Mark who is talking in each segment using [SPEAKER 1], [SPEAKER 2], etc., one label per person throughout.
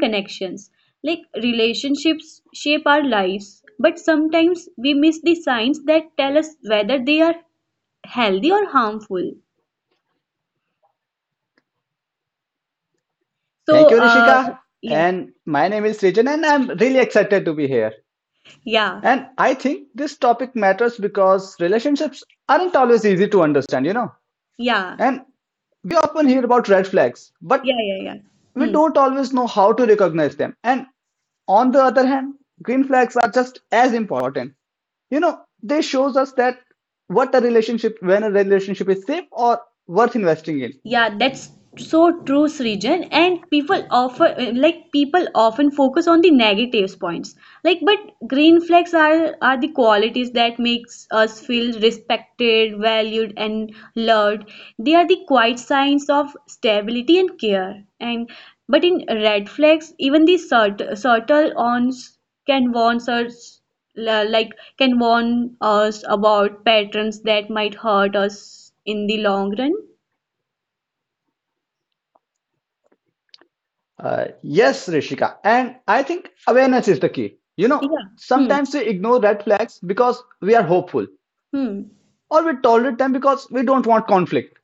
[SPEAKER 1] connections. Like, relationships shape our lives, but sometimes we miss the signs that tell us whether they are healthy or harmful.
[SPEAKER 2] Thank
[SPEAKER 1] So,
[SPEAKER 2] you,
[SPEAKER 1] uh,
[SPEAKER 2] Rishika.
[SPEAKER 1] yeah,
[SPEAKER 2] And my name is Srijan, and I'm really excited to be here.
[SPEAKER 1] yeah,
[SPEAKER 2] And I think this topic matters because relationships aren't always easy to understand.
[SPEAKER 1] yeah,
[SPEAKER 2] And we often hear about red flags, but
[SPEAKER 1] yeah, yeah, yeah.
[SPEAKER 2] we
[SPEAKER 1] Hmm.
[SPEAKER 2] don't always know how to recognize them. And on the other hand, green flags are just as important. They shows us that what a relationship when a relationship is safe or worth investing in.
[SPEAKER 1] Yeah, that's so true, Srijan. And people often focus on the negatives points. Like, but green flags are the qualities that makes us feel respected, valued, and loved. They are the quiet signs of stability and care. And but in red flags, even the subtle ons can warn us like can warn us about patterns that might hurt us in the long run.
[SPEAKER 2] Yes, Rishika. And I think awareness is the key. You know,
[SPEAKER 1] Yeah. Hmm.
[SPEAKER 2] sometimes we ignore red flags because we are hopeful,
[SPEAKER 1] Hmm.
[SPEAKER 2] or we tolerate them because we don't want conflict.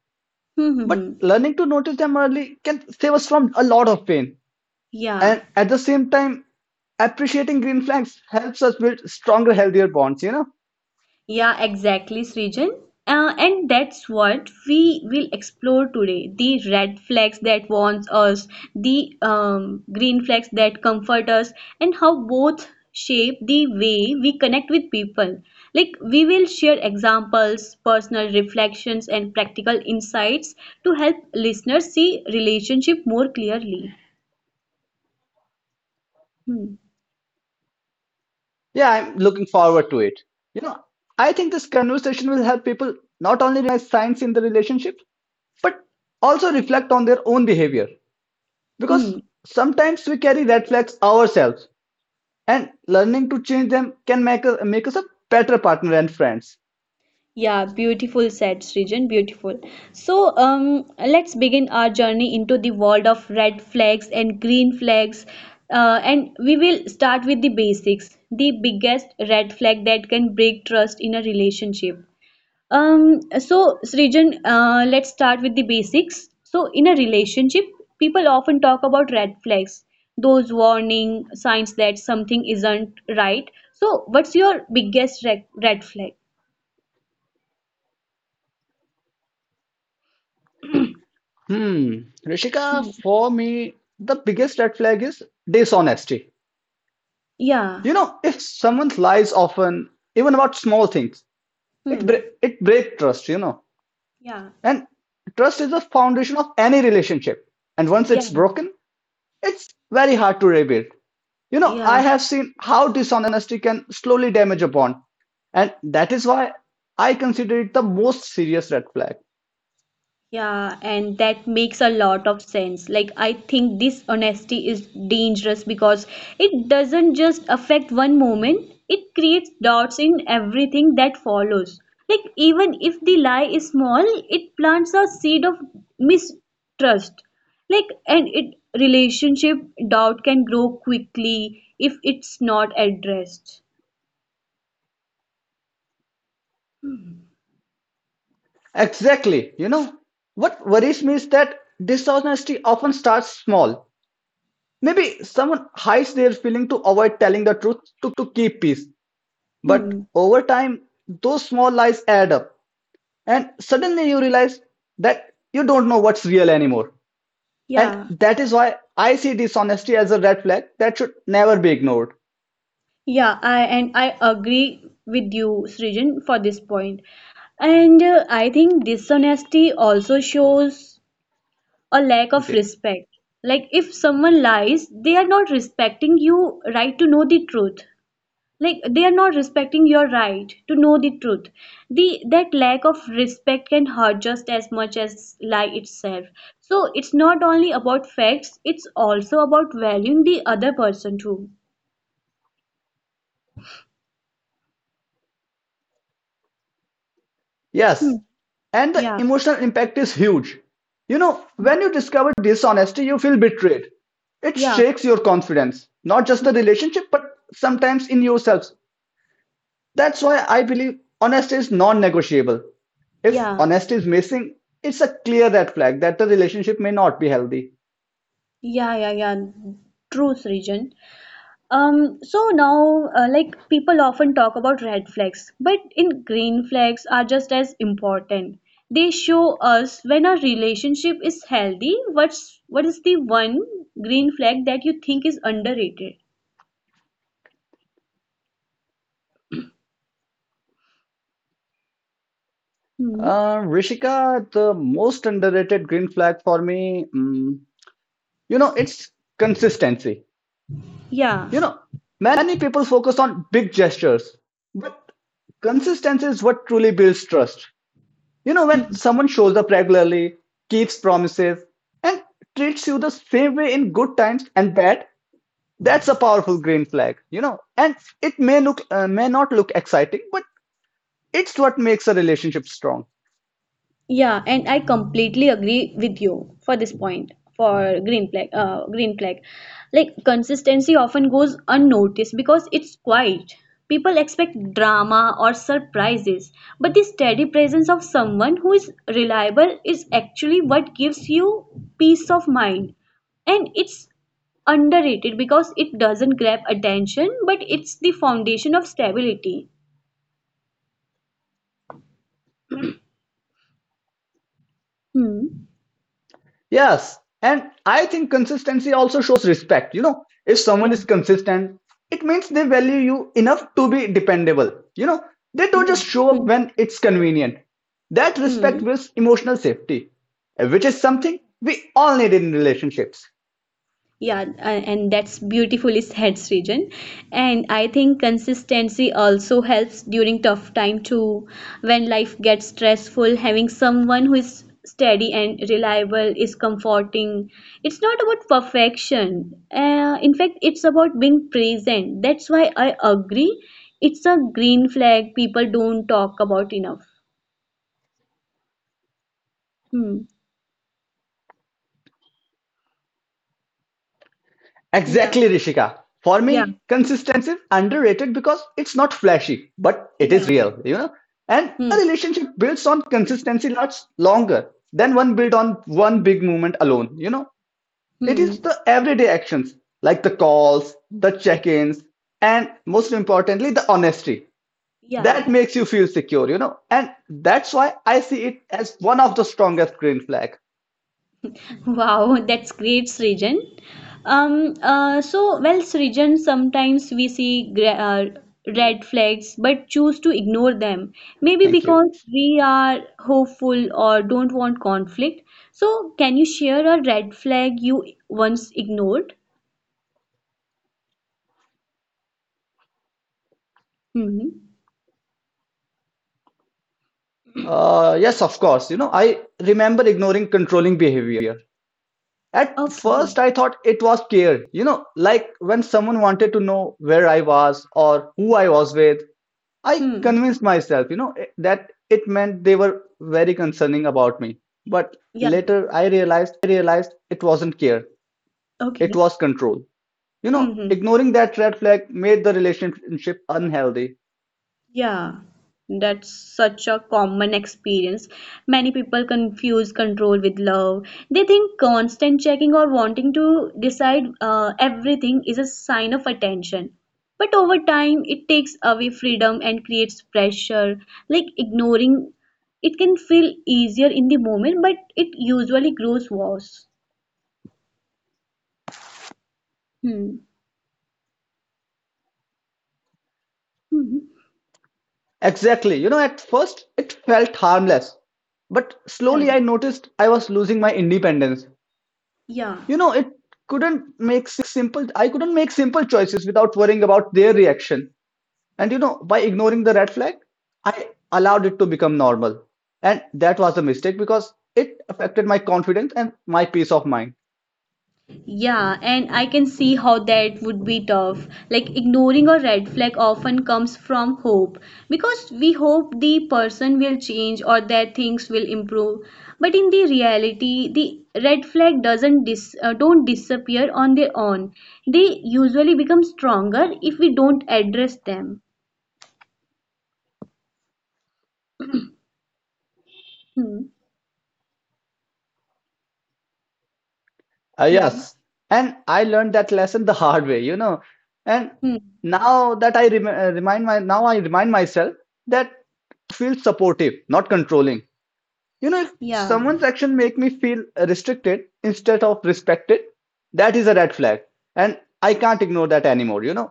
[SPEAKER 1] Hmm. Hmm.
[SPEAKER 2] But
[SPEAKER 1] hmm.
[SPEAKER 2] learning to notice them early can save us from a lot of pain.
[SPEAKER 1] Yeah.
[SPEAKER 2] And at the same time, appreciating green flags helps us build stronger, healthier bonds.
[SPEAKER 1] Yeah. Exactly, Srijan. And that's what we will explore today. The red flags that warns us, the green flags that comfort us, and how both shape the way we connect with people. Like, we will share examples, personal reflections, and practical insights to help listeners see relationship more clearly. Hmm.
[SPEAKER 2] Yeah, I'm looking forward to it. You know, I think this conversation will help people not only recognize signs in the relationship, but also reflect on their own behavior because
[SPEAKER 1] Hmm.
[SPEAKER 2] sometimes we carry red flags ourselves and learning to change them can make us a better partner and friends.
[SPEAKER 1] Yeah, beautiful said Srijan, beautiful. So let's begin our journey into the world of red flags and green flags. And we will start with the basics, the biggest red flag that can break trust in a relationship. So Srijan, let's start with the basics. So in a relationship, people often talk about red flags, those warning signs that something isn't right. So what's your biggest red flag?
[SPEAKER 2] Hmm. Rishika,
[SPEAKER 1] Hmm.
[SPEAKER 2] for me the biggest red flag is dishonesty.
[SPEAKER 1] Yeah.
[SPEAKER 2] You know, if someone lies often even about small things, it
[SPEAKER 1] Hmm.
[SPEAKER 2] it breaks trust,
[SPEAKER 1] Yeah.
[SPEAKER 2] and trust is the foundation of any relationship, and once
[SPEAKER 1] Yeah.
[SPEAKER 2] it's
[SPEAKER 1] Yeah.
[SPEAKER 2] broken, it's very hard to rebuild. You know,
[SPEAKER 1] Yeah.
[SPEAKER 2] I have seen how dishonesty can slowly damage a bond, and that is why I consider it the most serious red flag.
[SPEAKER 1] Yeah. And that makes a lot of sense. Like, I think this honesty is dangerous because it doesn't just affect one moment, it creates doubts in everything that follows. Like, even if the lie is small, it plants a seed of mistrust. Like, and it relationship doubt can grow quickly if it's not addressed.
[SPEAKER 2] Exactly. You know, what worries me is that dishonesty often starts small. Maybe someone hides their feeling to avoid telling the truth to keep peace. But
[SPEAKER 1] Hmm.
[SPEAKER 2] over time, those small lies add up, and suddenly you realize that you don't know what's real anymore. And
[SPEAKER 1] Yeah.
[SPEAKER 2] that is why I see dishonesty as a red flag that should never be ignored.
[SPEAKER 1] Yeah, I and I agree with you, Srijan, for this point. And I think dishonesty also shows a lack of
[SPEAKER 2] Okay.
[SPEAKER 1] respect. Like, if someone lies, they are not respecting you right to know the truth. Like, they are not respecting your right to know the truth. The that lack of respect can hurt just as much as lie itself. So it's not only about facts, it's also about valuing the other person too. Hmm.
[SPEAKER 2] Yes, and the
[SPEAKER 1] Yeah,
[SPEAKER 2] emotional impact is huge. You know, when you discover dishonesty, you feel betrayed. It
[SPEAKER 1] yeah.
[SPEAKER 2] shakes your confidence, not just the relationship but sometimes in yourselves. That's why I believe honesty is non-negotiable. If
[SPEAKER 1] Yeah,
[SPEAKER 2] honesty is missing, it's a clear red flag that the relationship may not be healthy.
[SPEAKER 1] yeah, yeah, yeah. True, Srijan. So now, like, people often talk about red flags, but in green flags are just as important. They show us when our relationship is healthy. What is the one green flag that you think is underrated? Hmm.
[SPEAKER 2] Rishika, the most underrated green flag for me. You know, it's consistency.
[SPEAKER 1] Yeah.
[SPEAKER 2] You know, many people focus on big gestures, but consistency is what truly builds trust. You know, when
[SPEAKER 1] Hmm.
[SPEAKER 2] someone shows up regularly, keeps promises, and treats you the same way in good times and bad, that's a powerful green flag. You know, and it may look may not look exciting, but it's what makes a relationship strong.
[SPEAKER 1] Yeah, and I completely agree with you for this point for green flag, green flag. Like, consistency often goes unnoticed because it's quiet. People expect drama or surprises, but the steady presence of someone who is reliable is actually what gives you peace of mind. And it's underrated because it doesn't grab attention, but it's the foundation of stability. Hmm.
[SPEAKER 2] Yes. And I think consistency also shows respect. You know, if someone is
[SPEAKER 1] Yeah.
[SPEAKER 2] consistent, it means they value you enough to be dependable. You know, they don't
[SPEAKER 1] Yeah.
[SPEAKER 2] just show
[SPEAKER 1] Hmm.
[SPEAKER 2] up when it's convenient. That respect
[SPEAKER 1] Hmm.
[SPEAKER 2] builds emotional safety, which is something we all need in relationships.
[SPEAKER 1] Yeah, and that's beautifully said, Srijan. And I think consistency also helps during tough time too. When life gets stressful, having someone who is steady and reliable is comforting. It's not about perfection. In fact, it's about being present. That's why I agree. It's a green flag people don't talk about enough. Hmm. Yeah.
[SPEAKER 2] Exactly, Rishika. For
[SPEAKER 1] Yeah.
[SPEAKER 2] me, consistency is underrated because it's not flashy, but it is
[SPEAKER 1] Yeah.
[SPEAKER 2] real, you know. And a
[SPEAKER 1] Hmm.
[SPEAKER 2] relationship built on consistency lasts longer than one built on one big moment alone, you know. It is
[SPEAKER 1] Hmm.
[SPEAKER 2] the everyday actions, like the calls, the check ins, and most importantly, the honesty that
[SPEAKER 1] Yeah.
[SPEAKER 2] makes you feel secure, you know. And that's why I see it as one of the strongest green flag.
[SPEAKER 1] Wow, that's great, Srijan. Well, Srijan, sometimes we see red flags but choose to ignore them. Maybe
[SPEAKER 2] Thank you.
[SPEAKER 1] because we are hopeful or don't want conflict. So, can you share a red flag you once ignored? Mm-hmm.
[SPEAKER 2] Yes, of course. You know, I remember ignoring controlling behavior. At first,
[SPEAKER 1] Okay.
[SPEAKER 2] I thought it was care, you know, like when someone wanted to know where I was or who I was with, I
[SPEAKER 1] Hmm.
[SPEAKER 2] convinced myself, that it meant they were very concerning about me. But
[SPEAKER 1] Yeah.
[SPEAKER 2] later I realized it wasn't care, it
[SPEAKER 1] Okay.
[SPEAKER 2] was control. You know,
[SPEAKER 1] Mm-hmm.
[SPEAKER 2] ignoring that red flag made the relationship unhealthy.
[SPEAKER 1] Yeah, that's such a common experience. Many people confuse control with love. They think constant checking or wanting to decide everything is a sign of attention. But over time, it takes away freedom and creates pressure. Like, ignoring it can feel easier in the moment, but it usually grows worse. Hmm. Mhm.
[SPEAKER 2] Exactly. You know, at first it felt harmless, but slowly
[SPEAKER 1] Yeah.
[SPEAKER 2] I noticed I was losing my independence.
[SPEAKER 1] Yeah.
[SPEAKER 2] You know, it couldn't make simple choices without worrying about their reaction. And you know, by ignoring the red flag, I allowed it to become normal. And that was a mistake because it affected my confidence and my peace of mind.
[SPEAKER 1] Yeah, and I can see how that would be tough. Like, ignoring a red flag often comes from hope because we hope the person will change or that things will improve. But in the reality, the red flag doesn't dis don't disappear on their own. They usually become stronger if we don't address them. Hmm.
[SPEAKER 2] Uh,
[SPEAKER 1] Hmm.
[SPEAKER 2] yes. And I learned that lesson the hard way, you know. And
[SPEAKER 1] Hmm.
[SPEAKER 2] now that I rem- remind my now I remind myself that care should feel supportive, not controlling. You know, if
[SPEAKER 1] Yeah.
[SPEAKER 2] someone's action make me feel restricted instead of respected, that is a red flag and I can't ignore that anymore. You know,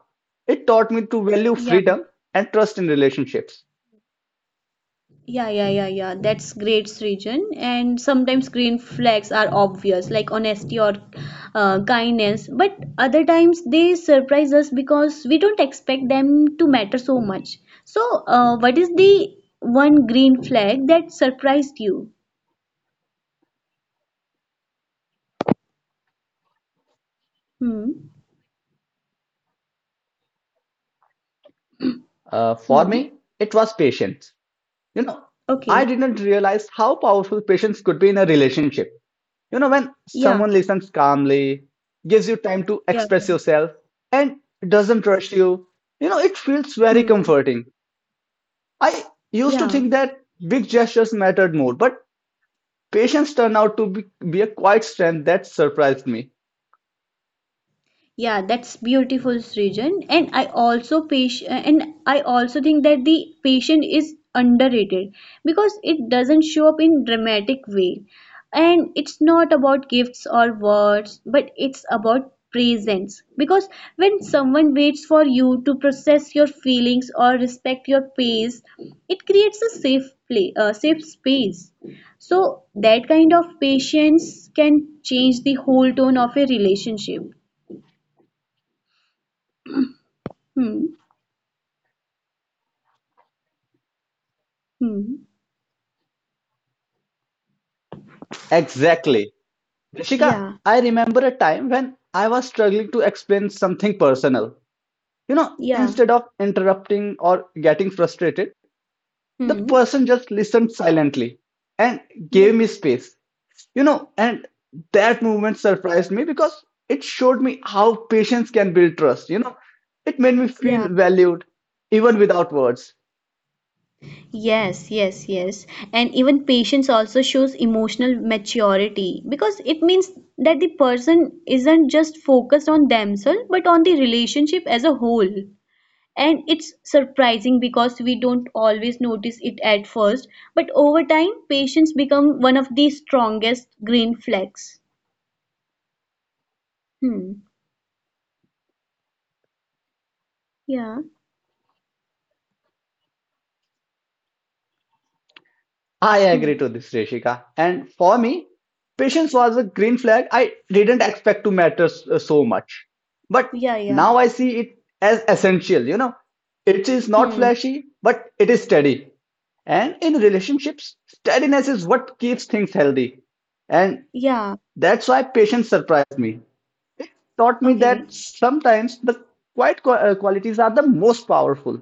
[SPEAKER 2] it taught me to value
[SPEAKER 1] Yeah.
[SPEAKER 2] freedom and trust in relationships.
[SPEAKER 1] Yeah, yeah, yeah, yeah. That's great, Srijan. And sometimes green flags are obvious, like honesty or kindness. But other times they surprise us because we don't expect them to matter so much. So, what is the one green flag that surprised you? Hmm.
[SPEAKER 2] For
[SPEAKER 1] Hmm.
[SPEAKER 2] me it was patience. You know, I
[SPEAKER 1] Okay.
[SPEAKER 2] didn't realize how powerful patience could be in a relationship. You know, when
[SPEAKER 1] Yeah.
[SPEAKER 2] someone listens calmly, gives you time to
[SPEAKER 1] Yeah.
[SPEAKER 2] express yourself, and doesn't rush you, you know, it feels very
[SPEAKER 1] Hmm.
[SPEAKER 2] comforting. I used to
[SPEAKER 1] Yeah.
[SPEAKER 2] think that big gestures mattered more, but patience turned out to be a quiet strength that surprised me.
[SPEAKER 1] Yeah, that's beautiful, Srijan. And I also think that the patient is underrated because it doesn't show up in dramatic way, and it's not about gifts or words, but it's about presence. Because when someone waits for you to process your feelings or respect your pace, it creates a safe space. So that kind of patience can change the whole tone of a relationship. Hmm. Hmm.
[SPEAKER 2] Exactly. Rishika,
[SPEAKER 1] Yeah.
[SPEAKER 2] I remember a time when I was struggling to explain something personal. You know,
[SPEAKER 1] Yeah.
[SPEAKER 2] instead of interrupting or getting frustrated, the
[SPEAKER 1] Hmm.
[SPEAKER 2] person just listened silently and
[SPEAKER 1] Yeah.
[SPEAKER 2] gave me space. You know, and that movement surprised me because it showed me how patience can build trust. You know, it made me
[SPEAKER 1] Yeah.
[SPEAKER 2] feel valued even without words.
[SPEAKER 1] Yes. Yes. Yes. And even patience also shows emotional maturity because it means that the person isn't just focused on themselves but on the relationship as a whole. And it's surprising because we don't always notice it at first, but over time, patience become one of the strongest green flags. Hmm. Yeah.
[SPEAKER 2] I
[SPEAKER 1] Hmm.
[SPEAKER 2] agree to this, Reshika. And for me, patience was a green flag I didn't expect to matter so much. But
[SPEAKER 1] Yeah. Yeah.
[SPEAKER 2] now I see it as essential, you know. It is not
[SPEAKER 1] Hmm.
[SPEAKER 2] flashy, but it is steady. And in relationships, steadiness is what keeps things healthy. And
[SPEAKER 1] Yeah.
[SPEAKER 2] that's why patience surprised me, taught me that
[SPEAKER 1] Okay.
[SPEAKER 2] sometimes the quiet qualities are the most powerful.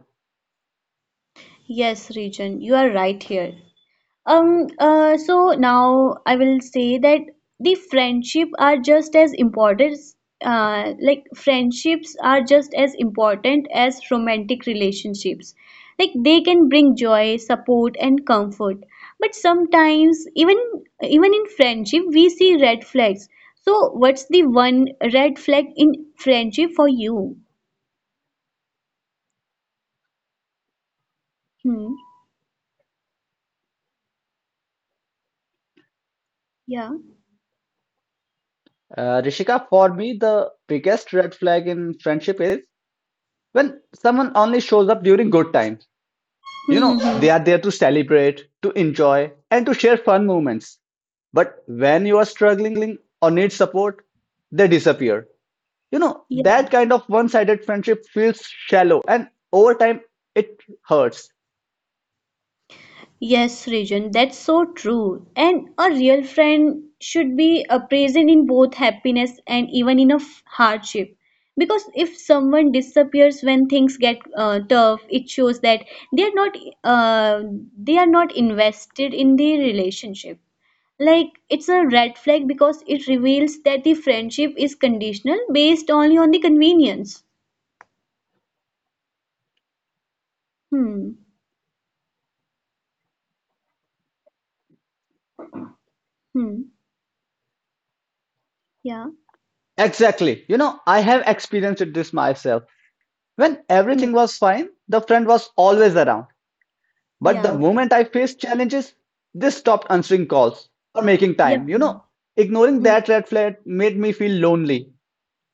[SPEAKER 1] Yes, Regan, you are right here. So now I will say that the friendship are just as important, friendships are just as important as romantic relationships. Like, they can bring joy, support, and comfort. But sometimes, even in friendship, we see red flags. So, what's the one red flag in friendship for you? Hmm. Yeah.
[SPEAKER 2] Rishika, for me, the biggest red flag in friendship is when someone only shows up during good times. You
[SPEAKER 1] Hmm. hmm,
[SPEAKER 2] know,
[SPEAKER 1] hmm.
[SPEAKER 2] they are there to celebrate, to enjoy, and to share fun moments. But when you are struggling or need support, they disappear. You know, that kind of one sided friendship feels shallow and over time it hurts.
[SPEAKER 1] Yes, Rejan, that's so true. And a real friend should be present in both happiness and even in a hardship. Because if someone disappears when things get tough, it shows that they are not uh, they are not invested in the relationship. Like, it's a red flag because it reveals that the friendship is conditional based only on the convenience. Hmm. Hmm. Yeah.
[SPEAKER 2] Exactly. You know, I have experienced this myself. When everything
[SPEAKER 1] Hmm.
[SPEAKER 2] was fine, the friend was always around. But the
[SPEAKER 1] Yeah.
[SPEAKER 2] moment I faced challenges, they stopped answering calls or making
[SPEAKER 1] Yeah.
[SPEAKER 2] time. You know, ignoring that
[SPEAKER 1] Hmm.
[SPEAKER 2] red flag made me feel lonely.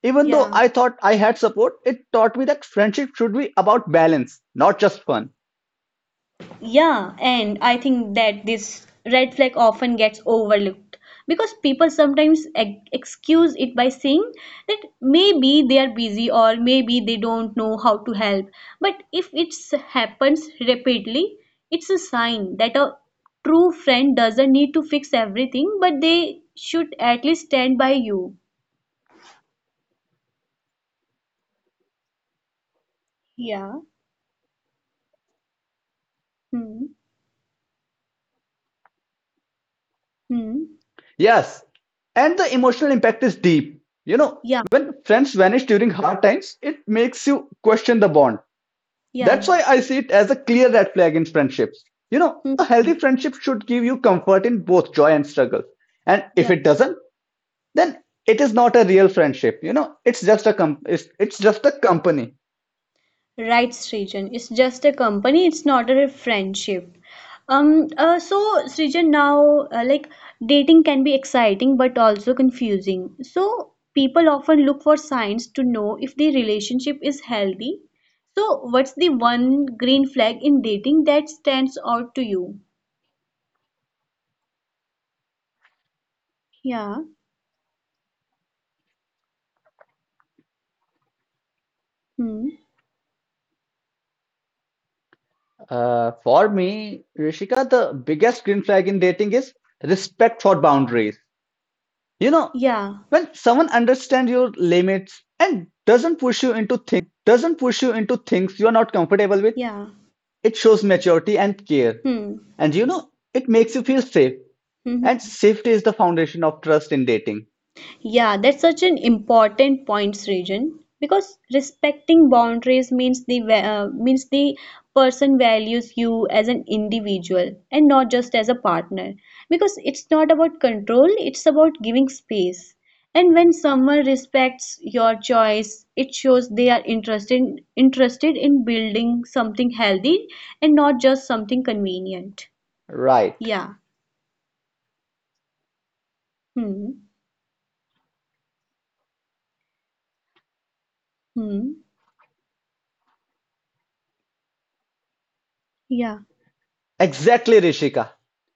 [SPEAKER 2] Even though
[SPEAKER 1] Yeah.
[SPEAKER 2] I thought I had support, it taught me that friendship should be about balance, not just fun.
[SPEAKER 1] Yeah, and I think that this red flag often gets overlooked because people sometimes excuse it by saying that maybe they are busy or maybe they don't know how to help. But if it happens repeatedly, it's a sign that a true friend doesn't need to fix everything, but they should at least stand by you. Yeah. Hmm. Hmm.
[SPEAKER 2] Yes, and the emotional impact is deep. You know,
[SPEAKER 1] Yeah.
[SPEAKER 2] when friends vanish during hard times, it makes you question the bond. That's
[SPEAKER 1] Yeah.
[SPEAKER 2] why I see it as a clear red flag in friendships. You know, a healthy
[SPEAKER 1] Hmm.
[SPEAKER 2] friendship should give you comfort in both joy and struggle. And if
[SPEAKER 1] Yeah.
[SPEAKER 2] it doesn't, then it is not a real friendship. You know, it's just a it's just a company.
[SPEAKER 1] Right, Srijan. It's just a company, it's not a friendship. So Srijan, now dating can be exciting but also confusing. So people often look for signs to know if the relationship is healthy. So what's the one green flag in dating that stands out to you? Yeah. Hmm.
[SPEAKER 2] For me, Rishika, the biggest green flag in dating is respect for boundaries. You know,
[SPEAKER 1] Yeah.
[SPEAKER 2] when someone understands your limits and doesn't push you into things you are not comfortable with,
[SPEAKER 1] Yeah.
[SPEAKER 2] it shows maturity and care.
[SPEAKER 1] Hmm.
[SPEAKER 2] And you know, it makes you feel safe. And safety is the foundation of trust in dating,
[SPEAKER 1] Yeah, that's such an important point, Srijan, because respecting boundaries means the means the person values you as an individual and not just as a partner. Because it's not about control, it's about giving space. And when someone respects your choice, it shows they are interested in building something healthy and not just something convenient.
[SPEAKER 2] right?
[SPEAKER 1] Yeah. Hmm. Hmm. Yeah.
[SPEAKER 2] Exactly, Rishika.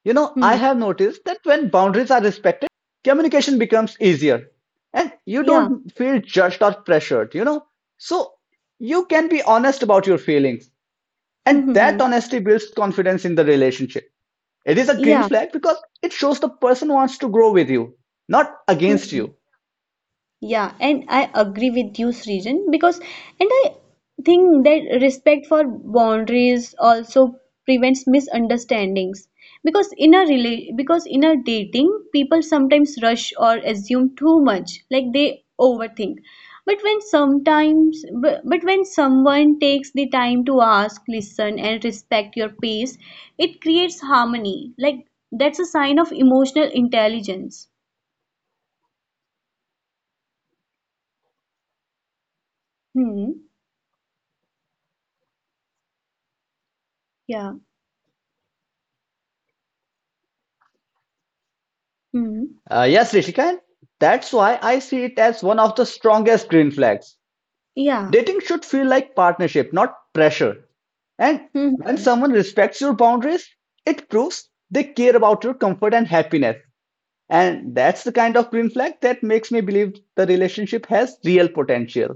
[SPEAKER 2] You know, I
[SPEAKER 1] Hmm.
[SPEAKER 2] have noticed that when boundaries are respected, communication becomes easier and you
[SPEAKER 1] Yeah.
[SPEAKER 2] don't feel judged or pressured, you know. So you can be honest about your feelings,
[SPEAKER 1] Hmm.
[SPEAKER 2] and
[SPEAKER 1] Hmm.
[SPEAKER 2] that
[SPEAKER 1] hmm.
[SPEAKER 2] honesty builds confidence in the relationship. It is a green
[SPEAKER 1] Yeah.
[SPEAKER 2] flag because it shows the person wants to grow with you, not against
[SPEAKER 1] Hmm.
[SPEAKER 2] you.
[SPEAKER 1] Yeah, and I agree with you, Srijan, because and I think that respect for boundaries also prevents misunderstandings. Because in a rela because in a dating, people sometimes rush or assume too much, like they overthink. But when sometimes, bu- but when someone takes the time to ask, listen, and respect your pace, it creates harmony. That's a sign of emotional intelligence. Hmm. Yeah. Hmm.
[SPEAKER 2] Yes, Rishika, and that's why I see it as one of the strongest green flags.
[SPEAKER 1] Yeah.
[SPEAKER 2] Dating should feel like partnership, not pressure. And
[SPEAKER 1] Hmm.
[SPEAKER 2] when someone respects your boundaries, it proves they care about your comfort and happiness. And that's the kind of green flag that makes me believe the relationship has real potential.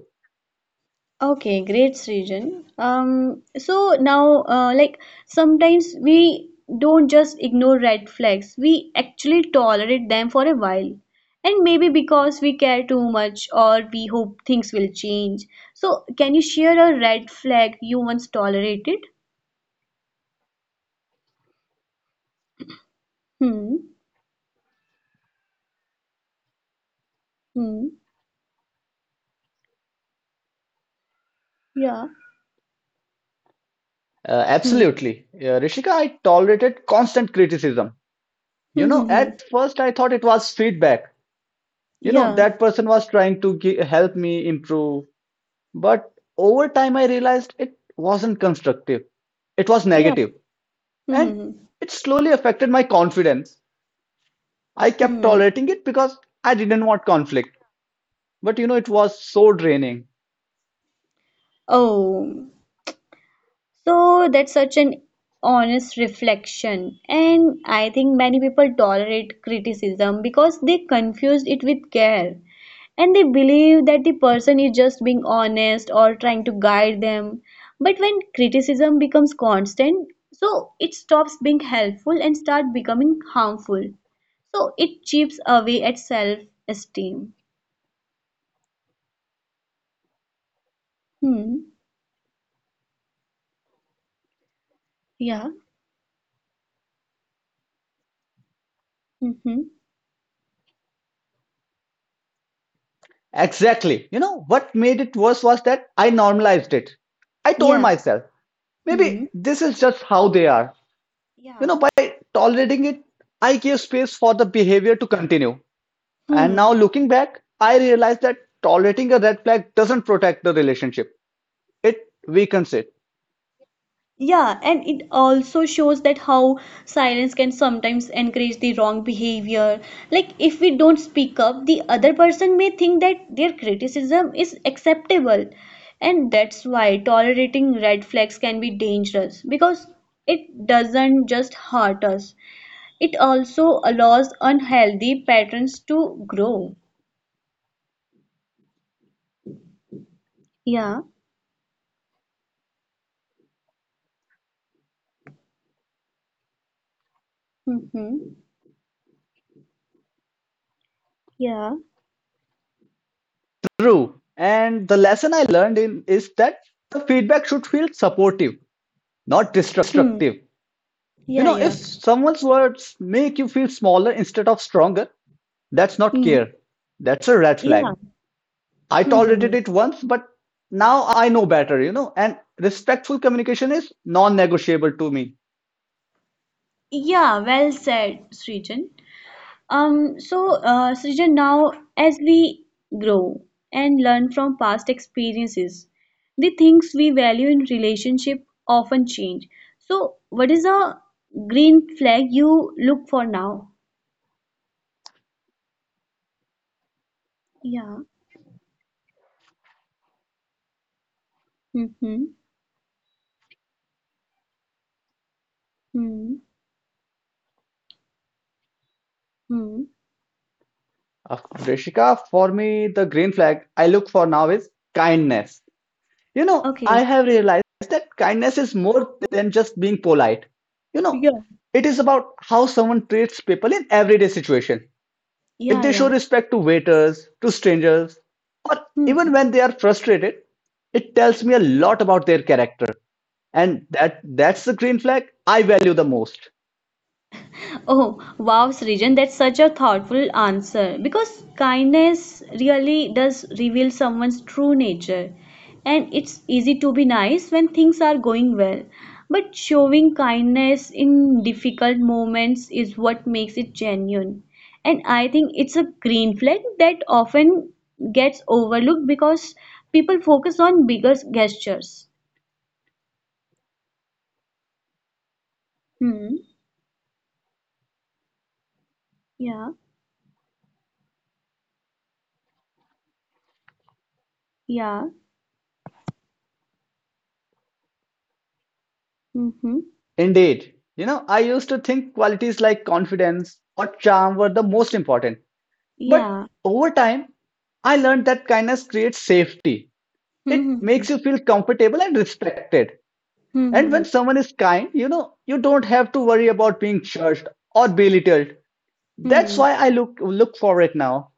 [SPEAKER 1] Okay, great, Srijan. So now, sometimes we don't just ignore red flags, we actually tolerate them for a while. And maybe because we care too much or we hope things will change. So, can you share a red flag you once tolerated? Hmm. Hmm. Yeah. Hmm.
[SPEAKER 2] Absolutely. Rishika, I tolerated constant criticism. You
[SPEAKER 1] Hmm.
[SPEAKER 2] know,
[SPEAKER 1] Hmm. hmm.
[SPEAKER 2] at first I thought it was feedback. You know,
[SPEAKER 1] Yeah.
[SPEAKER 2] that person was trying to help me improve. But over time I realized it wasn't constructive, it was
[SPEAKER 1] Yeah.
[SPEAKER 2] negative.
[SPEAKER 1] Hmm.
[SPEAKER 2] And
[SPEAKER 1] Hmm. hmm.
[SPEAKER 2] it slowly affected my confidence. I kept
[SPEAKER 1] Hmm.
[SPEAKER 2] tolerating it because I didn't want conflict. But you know, it was so draining.
[SPEAKER 1] Oh. So that's such an honest reflection. And I think many people tolerate criticism because they confuse it with care and they believe that the person is just being honest or trying to guide them. But when criticism becomes constant, so it stops being helpful and start becoming harmful. So it chips away at self esteem. Hmm. Yeah. Mm-hmm.
[SPEAKER 2] Exactly. You know, what made it worse was that I normalized it. I told
[SPEAKER 1] Yeah.
[SPEAKER 2] myself, maybe
[SPEAKER 1] Hmm.
[SPEAKER 2] this is just how they are. You
[SPEAKER 1] Yeah.
[SPEAKER 2] know, by tolerating it, I gave space for the behavior to continue. And now
[SPEAKER 1] Hmm.
[SPEAKER 2] looking back, I realized that tolerating a red flag doesn't protect the relationship, it weakens it.
[SPEAKER 1] Yeah, and it also shows that how silence can sometimes encourage the wrong behavior. Like, if we don't speak up, the other person may think that their criticism is acceptable. And that's why tolerating red flags can be dangerous because it doesn't just hurt us, it also allows unhealthy patterns to grow. Yeah. Mm-hmm. Yeah.
[SPEAKER 2] True. And the lesson I learned in is that the feedback should feel supportive, not
[SPEAKER 1] Hmm.
[SPEAKER 2] destructive. You
[SPEAKER 1] Yeah,
[SPEAKER 2] know, if
[SPEAKER 1] yeah.
[SPEAKER 2] someone's words make you feel smaller instead of stronger, that's not
[SPEAKER 1] Hmm.
[SPEAKER 2] care. That's a red flag.
[SPEAKER 1] Yeah.
[SPEAKER 2] I
[SPEAKER 1] Hmm. hmm, hmm.
[SPEAKER 2] tolerated it once, but now I know better, you know, and respectful communication is non negotiable to me.
[SPEAKER 1] Yeah, well said, Srijan. Srijan, now as we grow and learn from past experiences, the things we value in relationship often change. So, what is a green flag you look for now? Yeah. Mm-hmm. Mm-hmm.
[SPEAKER 2] Rishika, for me, the green flag I look for now is kindness. You know, I
[SPEAKER 1] Okay.
[SPEAKER 2] have realized that kindness is more than just being polite. You know,
[SPEAKER 1] Yeah.
[SPEAKER 2] it is about how someone treats people in everyday situation. If
[SPEAKER 1] Yeah,
[SPEAKER 2] they show
[SPEAKER 1] yeah.
[SPEAKER 2] respect to waiters, to strangers, or
[SPEAKER 1] Hmm.
[SPEAKER 2] even when they are frustrated, it tells me a lot about their character. And that's the green flag I value the most.
[SPEAKER 1] Oh, wow, Srijan, that's such a thoughtful answer because kindness really does reveal someone's true nature. And it's easy to be nice when things are going well, but showing kindness in difficult moments is what makes it genuine. And I think it's a green flag that often gets overlooked because people focus on bigger gestures. Hmm. Yeah. Yeah. Mm-hmm.
[SPEAKER 2] Indeed. You know, I used to think qualities like confidence or charm were the most important. But
[SPEAKER 1] Yeah.
[SPEAKER 2] over time, I learned that kindness creates safety. It
[SPEAKER 1] Hmm. Hmm.
[SPEAKER 2] makes you feel comfortable and respected.
[SPEAKER 1] Hmm.
[SPEAKER 2] And
[SPEAKER 1] Hmm.
[SPEAKER 2] when someone is kind, you know, you don't have to worry about being judged or belittled. That's
[SPEAKER 1] Hmm.
[SPEAKER 2] why I look for it now.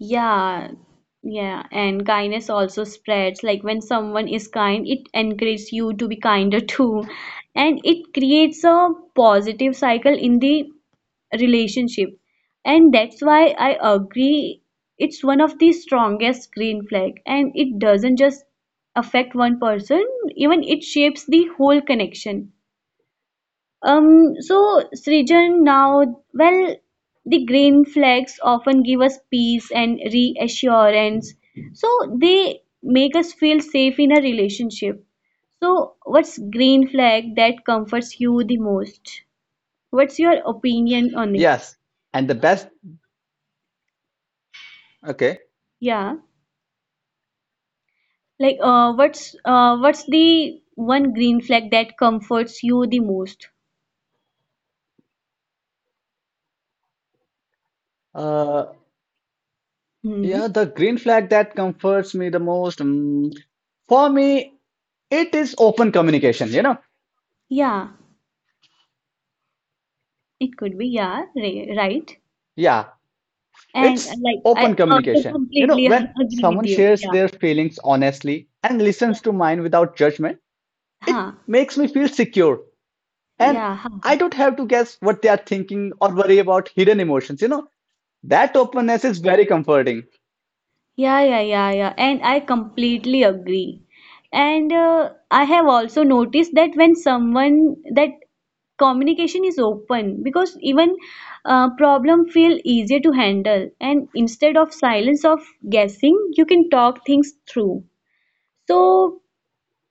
[SPEAKER 1] Yeah, yeah, and kindness also spreads. Like, when someone is kind, it encourages you to be kinder too, and it creates a positive cycle in the relationship. And that's why I agree it's one of the strongest green flag, and it doesn't just affect one person, even it shapes the whole connection. Srijan, now, well, the green flags often give us peace and reassurance. So they make us feel safe in a relationship. So what's green flag that comforts you the most? What's your opinion on it?
[SPEAKER 2] Yes. And the best okay.
[SPEAKER 1] Yeah. Like, what's the one green flag that comforts you the most?
[SPEAKER 2] Uh yeah,
[SPEAKER 1] Hmm.
[SPEAKER 2] the green flag that comforts me the most, for me it is open communication, you know.
[SPEAKER 1] Yeah, it could be, yeah, right.
[SPEAKER 2] Yeah,
[SPEAKER 1] And
[SPEAKER 2] it's
[SPEAKER 1] like,
[SPEAKER 2] open
[SPEAKER 1] I also
[SPEAKER 2] communication. You know,
[SPEAKER 1] completely
[SPEAKER 2] when
[SPEAKER 1] agree
[SPEAKER 2] someone
[SPEAKER 1] with you.
[SPEAKER 2] shares
[SPEAKER 1] Yeah.
[SPEAKER 2] their feelings honestly and listens
[SPEAKER 1] Yeah.
[SPEAKER 2] to mine without judgment, it
[SPEAKER 1] Huh.
[SPEAKER 2] makes me feel secure. And
[SPEAKER 1] Yeah.
[SPEAKER 2] I
[SPEAKER 1] Huh.
[SPEAKER 2] don't have to guess what they are thinking or worry about hidden emotions. You know, that openness is very comforting.
[SPEAKER 1] Yeah. Yeah. Yeah. Yeah. And I completely agree. And I have also noticed that when someone that communication is open because even problem feel easier to handle and instead of silence of guessing you can talk things through so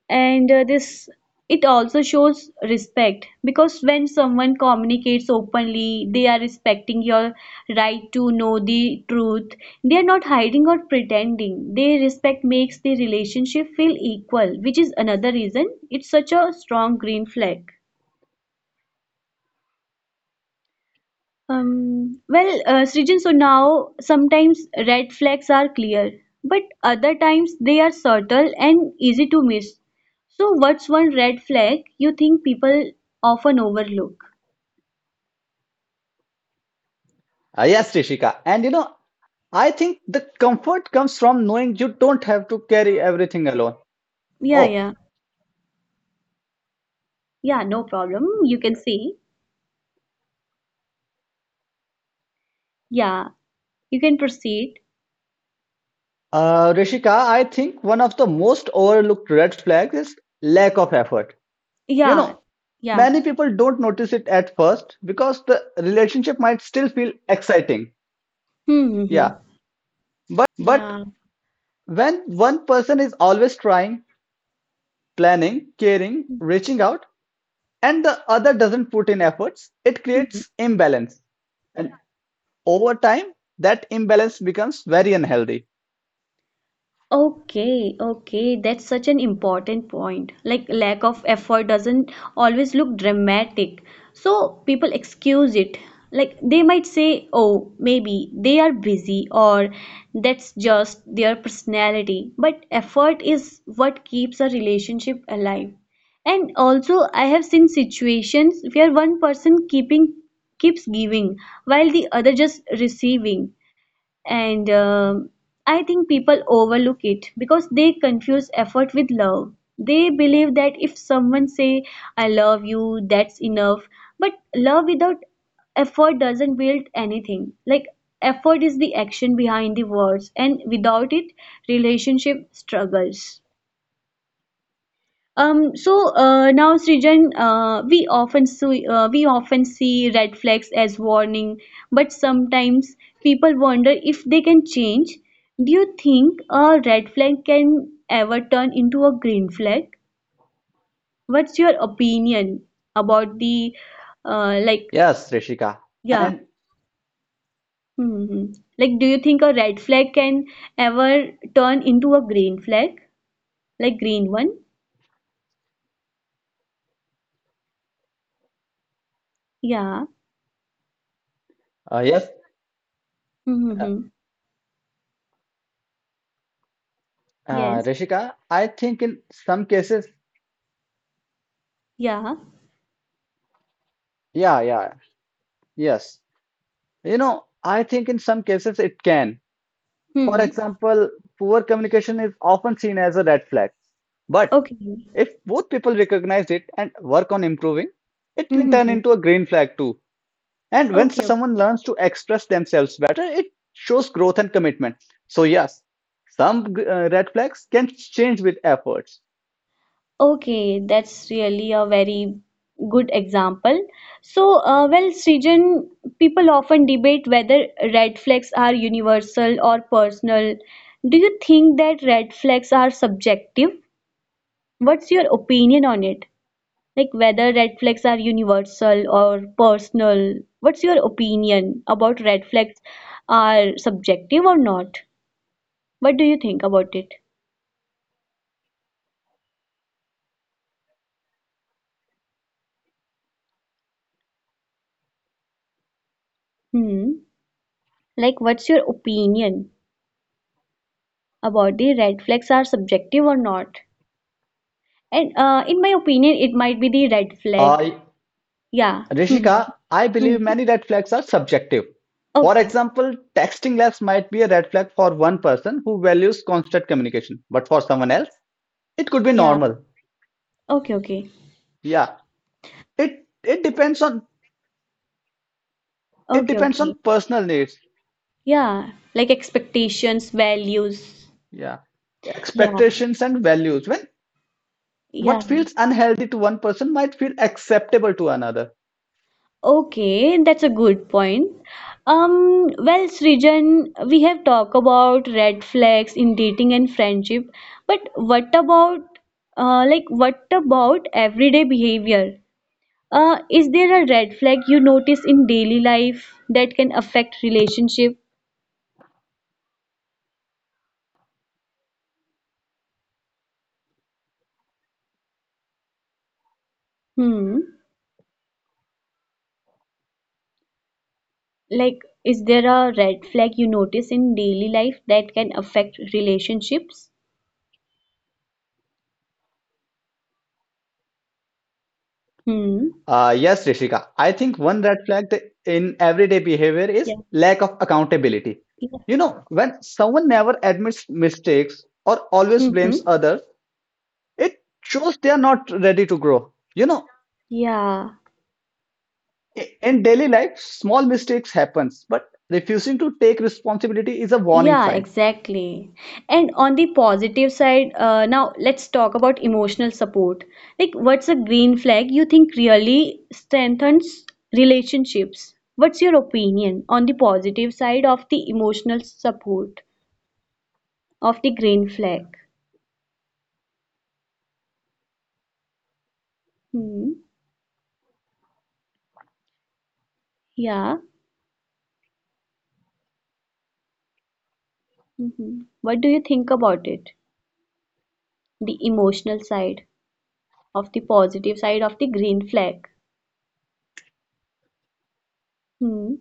[SPEAKER 1] and this it also shows respect because when someone communicates openly they are respecting your right to know the truth they are not hiding or pretending their respect makes the relationship feel equal which is another reason it's such a strong green flag. Srijan, so now sometimes red flags are clear, but other times they are subtle and easy to miss. So, what's one red flag you think people often overlook?
[SPEAKER 2] Yes, Rishika, and you know I think the comfort comes from knowing you don't have to carry everything alone.
[SPEAKER 1] Yeah,
[SPEAKER 2] oh
[SPEAKER 1] yeah, yeah, no problem. You can see. Yeah, you can proceed.
[SPEAKER 2] Rishika, I think one of the most overlooked red flags is lack of effort. You
[SPEAKER 1] Yeah,
[SPEAKER 2] know,
[SPEAKER 1] yeah.
[SPEAKER 2] many people don't notice it at first because the relationship might still feel exciting.
[SPEAKER 1] Hmm, hmm, hmm.
[SPEAKER 2] Yeah, but
[SPEAKER 1] yeah.
[SPEAKER 2] when one person is always trying, planning, caring, reaching out, and the other doesn't put in efforts, it creates imbalance. And over time, that imbalance becomes very unhealthy.
[SPEAKER 1] Okay, okay, that's such an important point. Like, lack of effort doesn't always look dramatic. So, people excuse it. Like, they might say, oh, maybe they are busy or that's just their personality. But effort is what keeps a relationship alive. And also, I have seen situations where one person keeping keeps giving while the other just receiving and I think people overlook it because they confuse effort with love. They believe that if someone say I love you that's enough, but love without effort doesn't build anything. Like, effort is the action behind the words and without it relationship struggles. Now, Srijan, we often see red flags as warning, but sometimes people wonder if they can change. Do you think a red flag can ever turn into a green flag? What's your opinion about the like,
[SPEAKER 2] Yes, Rishika.
[SPEAKER 1] yeah,
[SPEAKER 2] And
[SPEAKER 1] hmm? Like, do you think a red flag can ever turn into a green flag, like green one? Yeah.
[SPEAKER 2] uh, yes, uh,
[SPEAKER 1] Mm-hmm. Yes.
[SPEAKER 2] Rishika, I think in some cases,
[SPEAKER 1] Yeah.
[SPEAKER 2] yeah, yeah, yes. You know, I think in some cases it can. For
[SPEAKER 1] Hmm.
[SPEAKER 2] example, poor communication is often seen as a red flag. But
[SPEAKER 1] Okay.
[SPEAKER 2] if both people recognize it and work on improving, it can turn
[SPEAKER 1] Mm-hmm.
[SPEAKER 2] into a green flag too. And when
[SPEAKER 1] Okay, okay,
[SPEAKER 2] someone learns to express themselves better, it shows growth and commitment. So, yes, some red flags can change with efforts.
[SPEAKER 1] Okay, that's really a very good example. So, Srijan, people often debate whether red flags are universal or personal. Do you think that red flags are subjective? What's your opinion on it? Like, whether red flags are universal or personal? What's your opinion about red flags are subjective or not? What do you think about it? Hmm. Like, what's your opinion about the red flags are subjective or not? And in my opinion, it might be the red flag.
[SPEAKER 2] Uh,
[SPEAKER 1] Yeah. Mhm.
[SPEAKER 2] Rishika, I believe
[SPEAKER 1] Mhm.
[SPEAKER 2] many red flags are subjective. For
[SPEAKER 1] Okay.
[SPEAKER 2] example, texting less might be a red flag for one person who values constant communication, but for someone else, it could be
[SPEAKER 1] Yeah.
[SPEAKER 2] normal.
[SPEAKER 1] Okay. Okay.
[SPEAKER 2] Yeah, it it
[SPEAKER 1] Okay.
[SPEAKER 2] depends
[SPEAKER 1] Okay.
[SPEAKER 2] on personal needs.
[SPEAKER 1] Yeah. Like expectations, values.
[SPEAKER 2] Yeah,
[SPEAKER 1] Yeah.
[SPEAKER 2] expectations and values. When
[SPEAKER 1] Yeah.
[SPEAKER 2] what feels unhealthy to one person might feel acceptable to another.
[SPEAKER 1] Okay. That's a good point. Srijan, we have talked about red flags in dating and friendship, but what about like, what about everyday behavior? Is there a red flag you notice in daily life that can affect relationship? Hmm. Like, is there a red flag you notice in daily life that can affect relationships? Hmm.
[SPEAKER 2] Yes, Rishika. I think one red flag in everyday behavior is
[SPEAKER 1] Yeah.
[SPEAKER 2] lack of accountability.
[SPEAKER 1] Yeah.
[SPEAKER 2] You know, when someone never admits mistakes or always
[SPEAKER 1] Mm-hmm.
[SPEAKER 2] blames others, it shows they are not ready to grow. You know,
[SPEAKER 1] Yeah.
[SPEAKER 2] in daily life, small mistakes happens, but refusing to take responsibility is a warning
[SPEAKER 1] Yeah,
[SPEAKER 2] sign.
[SPEAKER 1] exactly. And on the positive side, now let's talk about emotional support. Like, what's a green flag you think really strengthens relationships? What's your opinion on the positive side of the emotional support of the green flag? Hmm. Yeah. hmm. What do you think about it? The emotional side of the positive side of the green flag. Hmm.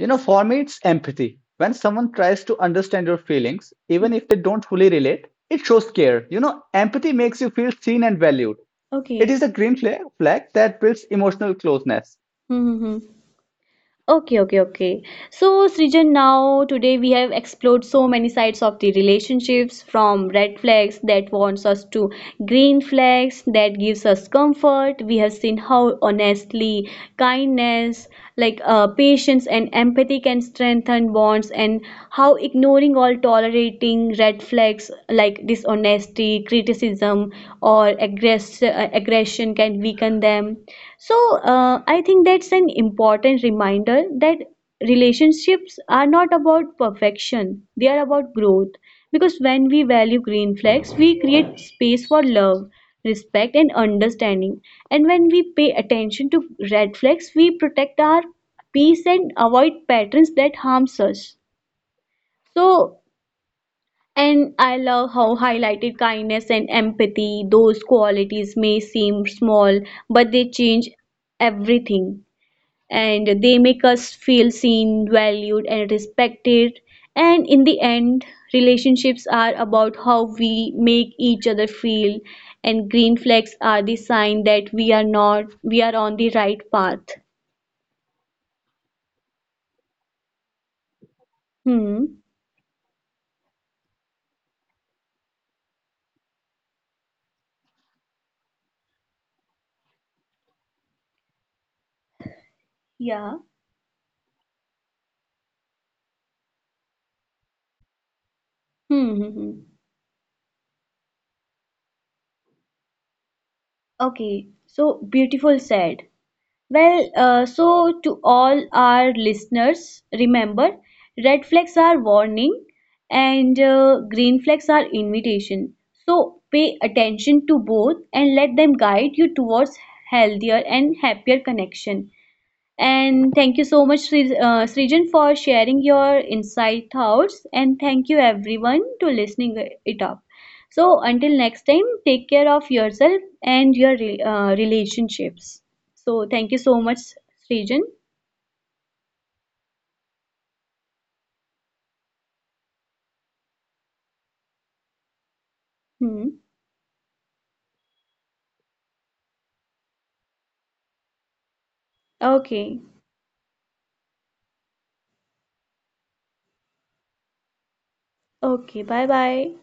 [SPEAKER 2] You know, for me, it's empathy. When someone tries to understand your feelings,
[SPEAKER 1] hmm.
[SPEAKER 2] even if they don't fully relate, it shows care. You know, empathy makes you feel seen and valued. It
[SPEAKER 1] Okay.
[SPEAKER 2] is a green flag that builds emotional closeness.
[SPEAKER 1] Mm-hmm. Okay, okay, okay. So, Srijan, now today we have explored so many sides of the relationships, from red flags that wants us to green flags that gives us comfort. We have seen how honestly kindness, patience and empathy can strengthen bonds and how ignoring or tolerating red flags like dishonesty, criticism or aggression can weaken them. So, I think that's an important reminder that relationships are not about perfection, they are about growth. Because when we value green flags, we create space for love, respect, and understanding. And when we pay attention to red flags, we protect our peace and avoid patterns that harms us. So, and I love how highlighted kindness and empathy, those qualities may seem small, but they change everything and they make us feel seen, valued, and respected. And in the end, relationships are about how we make each other feel, and green flags are the sign that we are not we are on the right path. Hmm. Yeah. Hmm. hmm, hmm. Okay. So beautiful said. Well, so to all our listeners, remember red flags are warning and green flags are invitation. So pay attention to both and let them guide you towards healthier and happier connection. And thank you so much, Srijan, for sharing your insight thoughts. And thank you everyone to listening it up. So until next time, take care of yourself and your relationships. So thank you so much, Srijan. Hmm. Okay. Okay. Bye bye.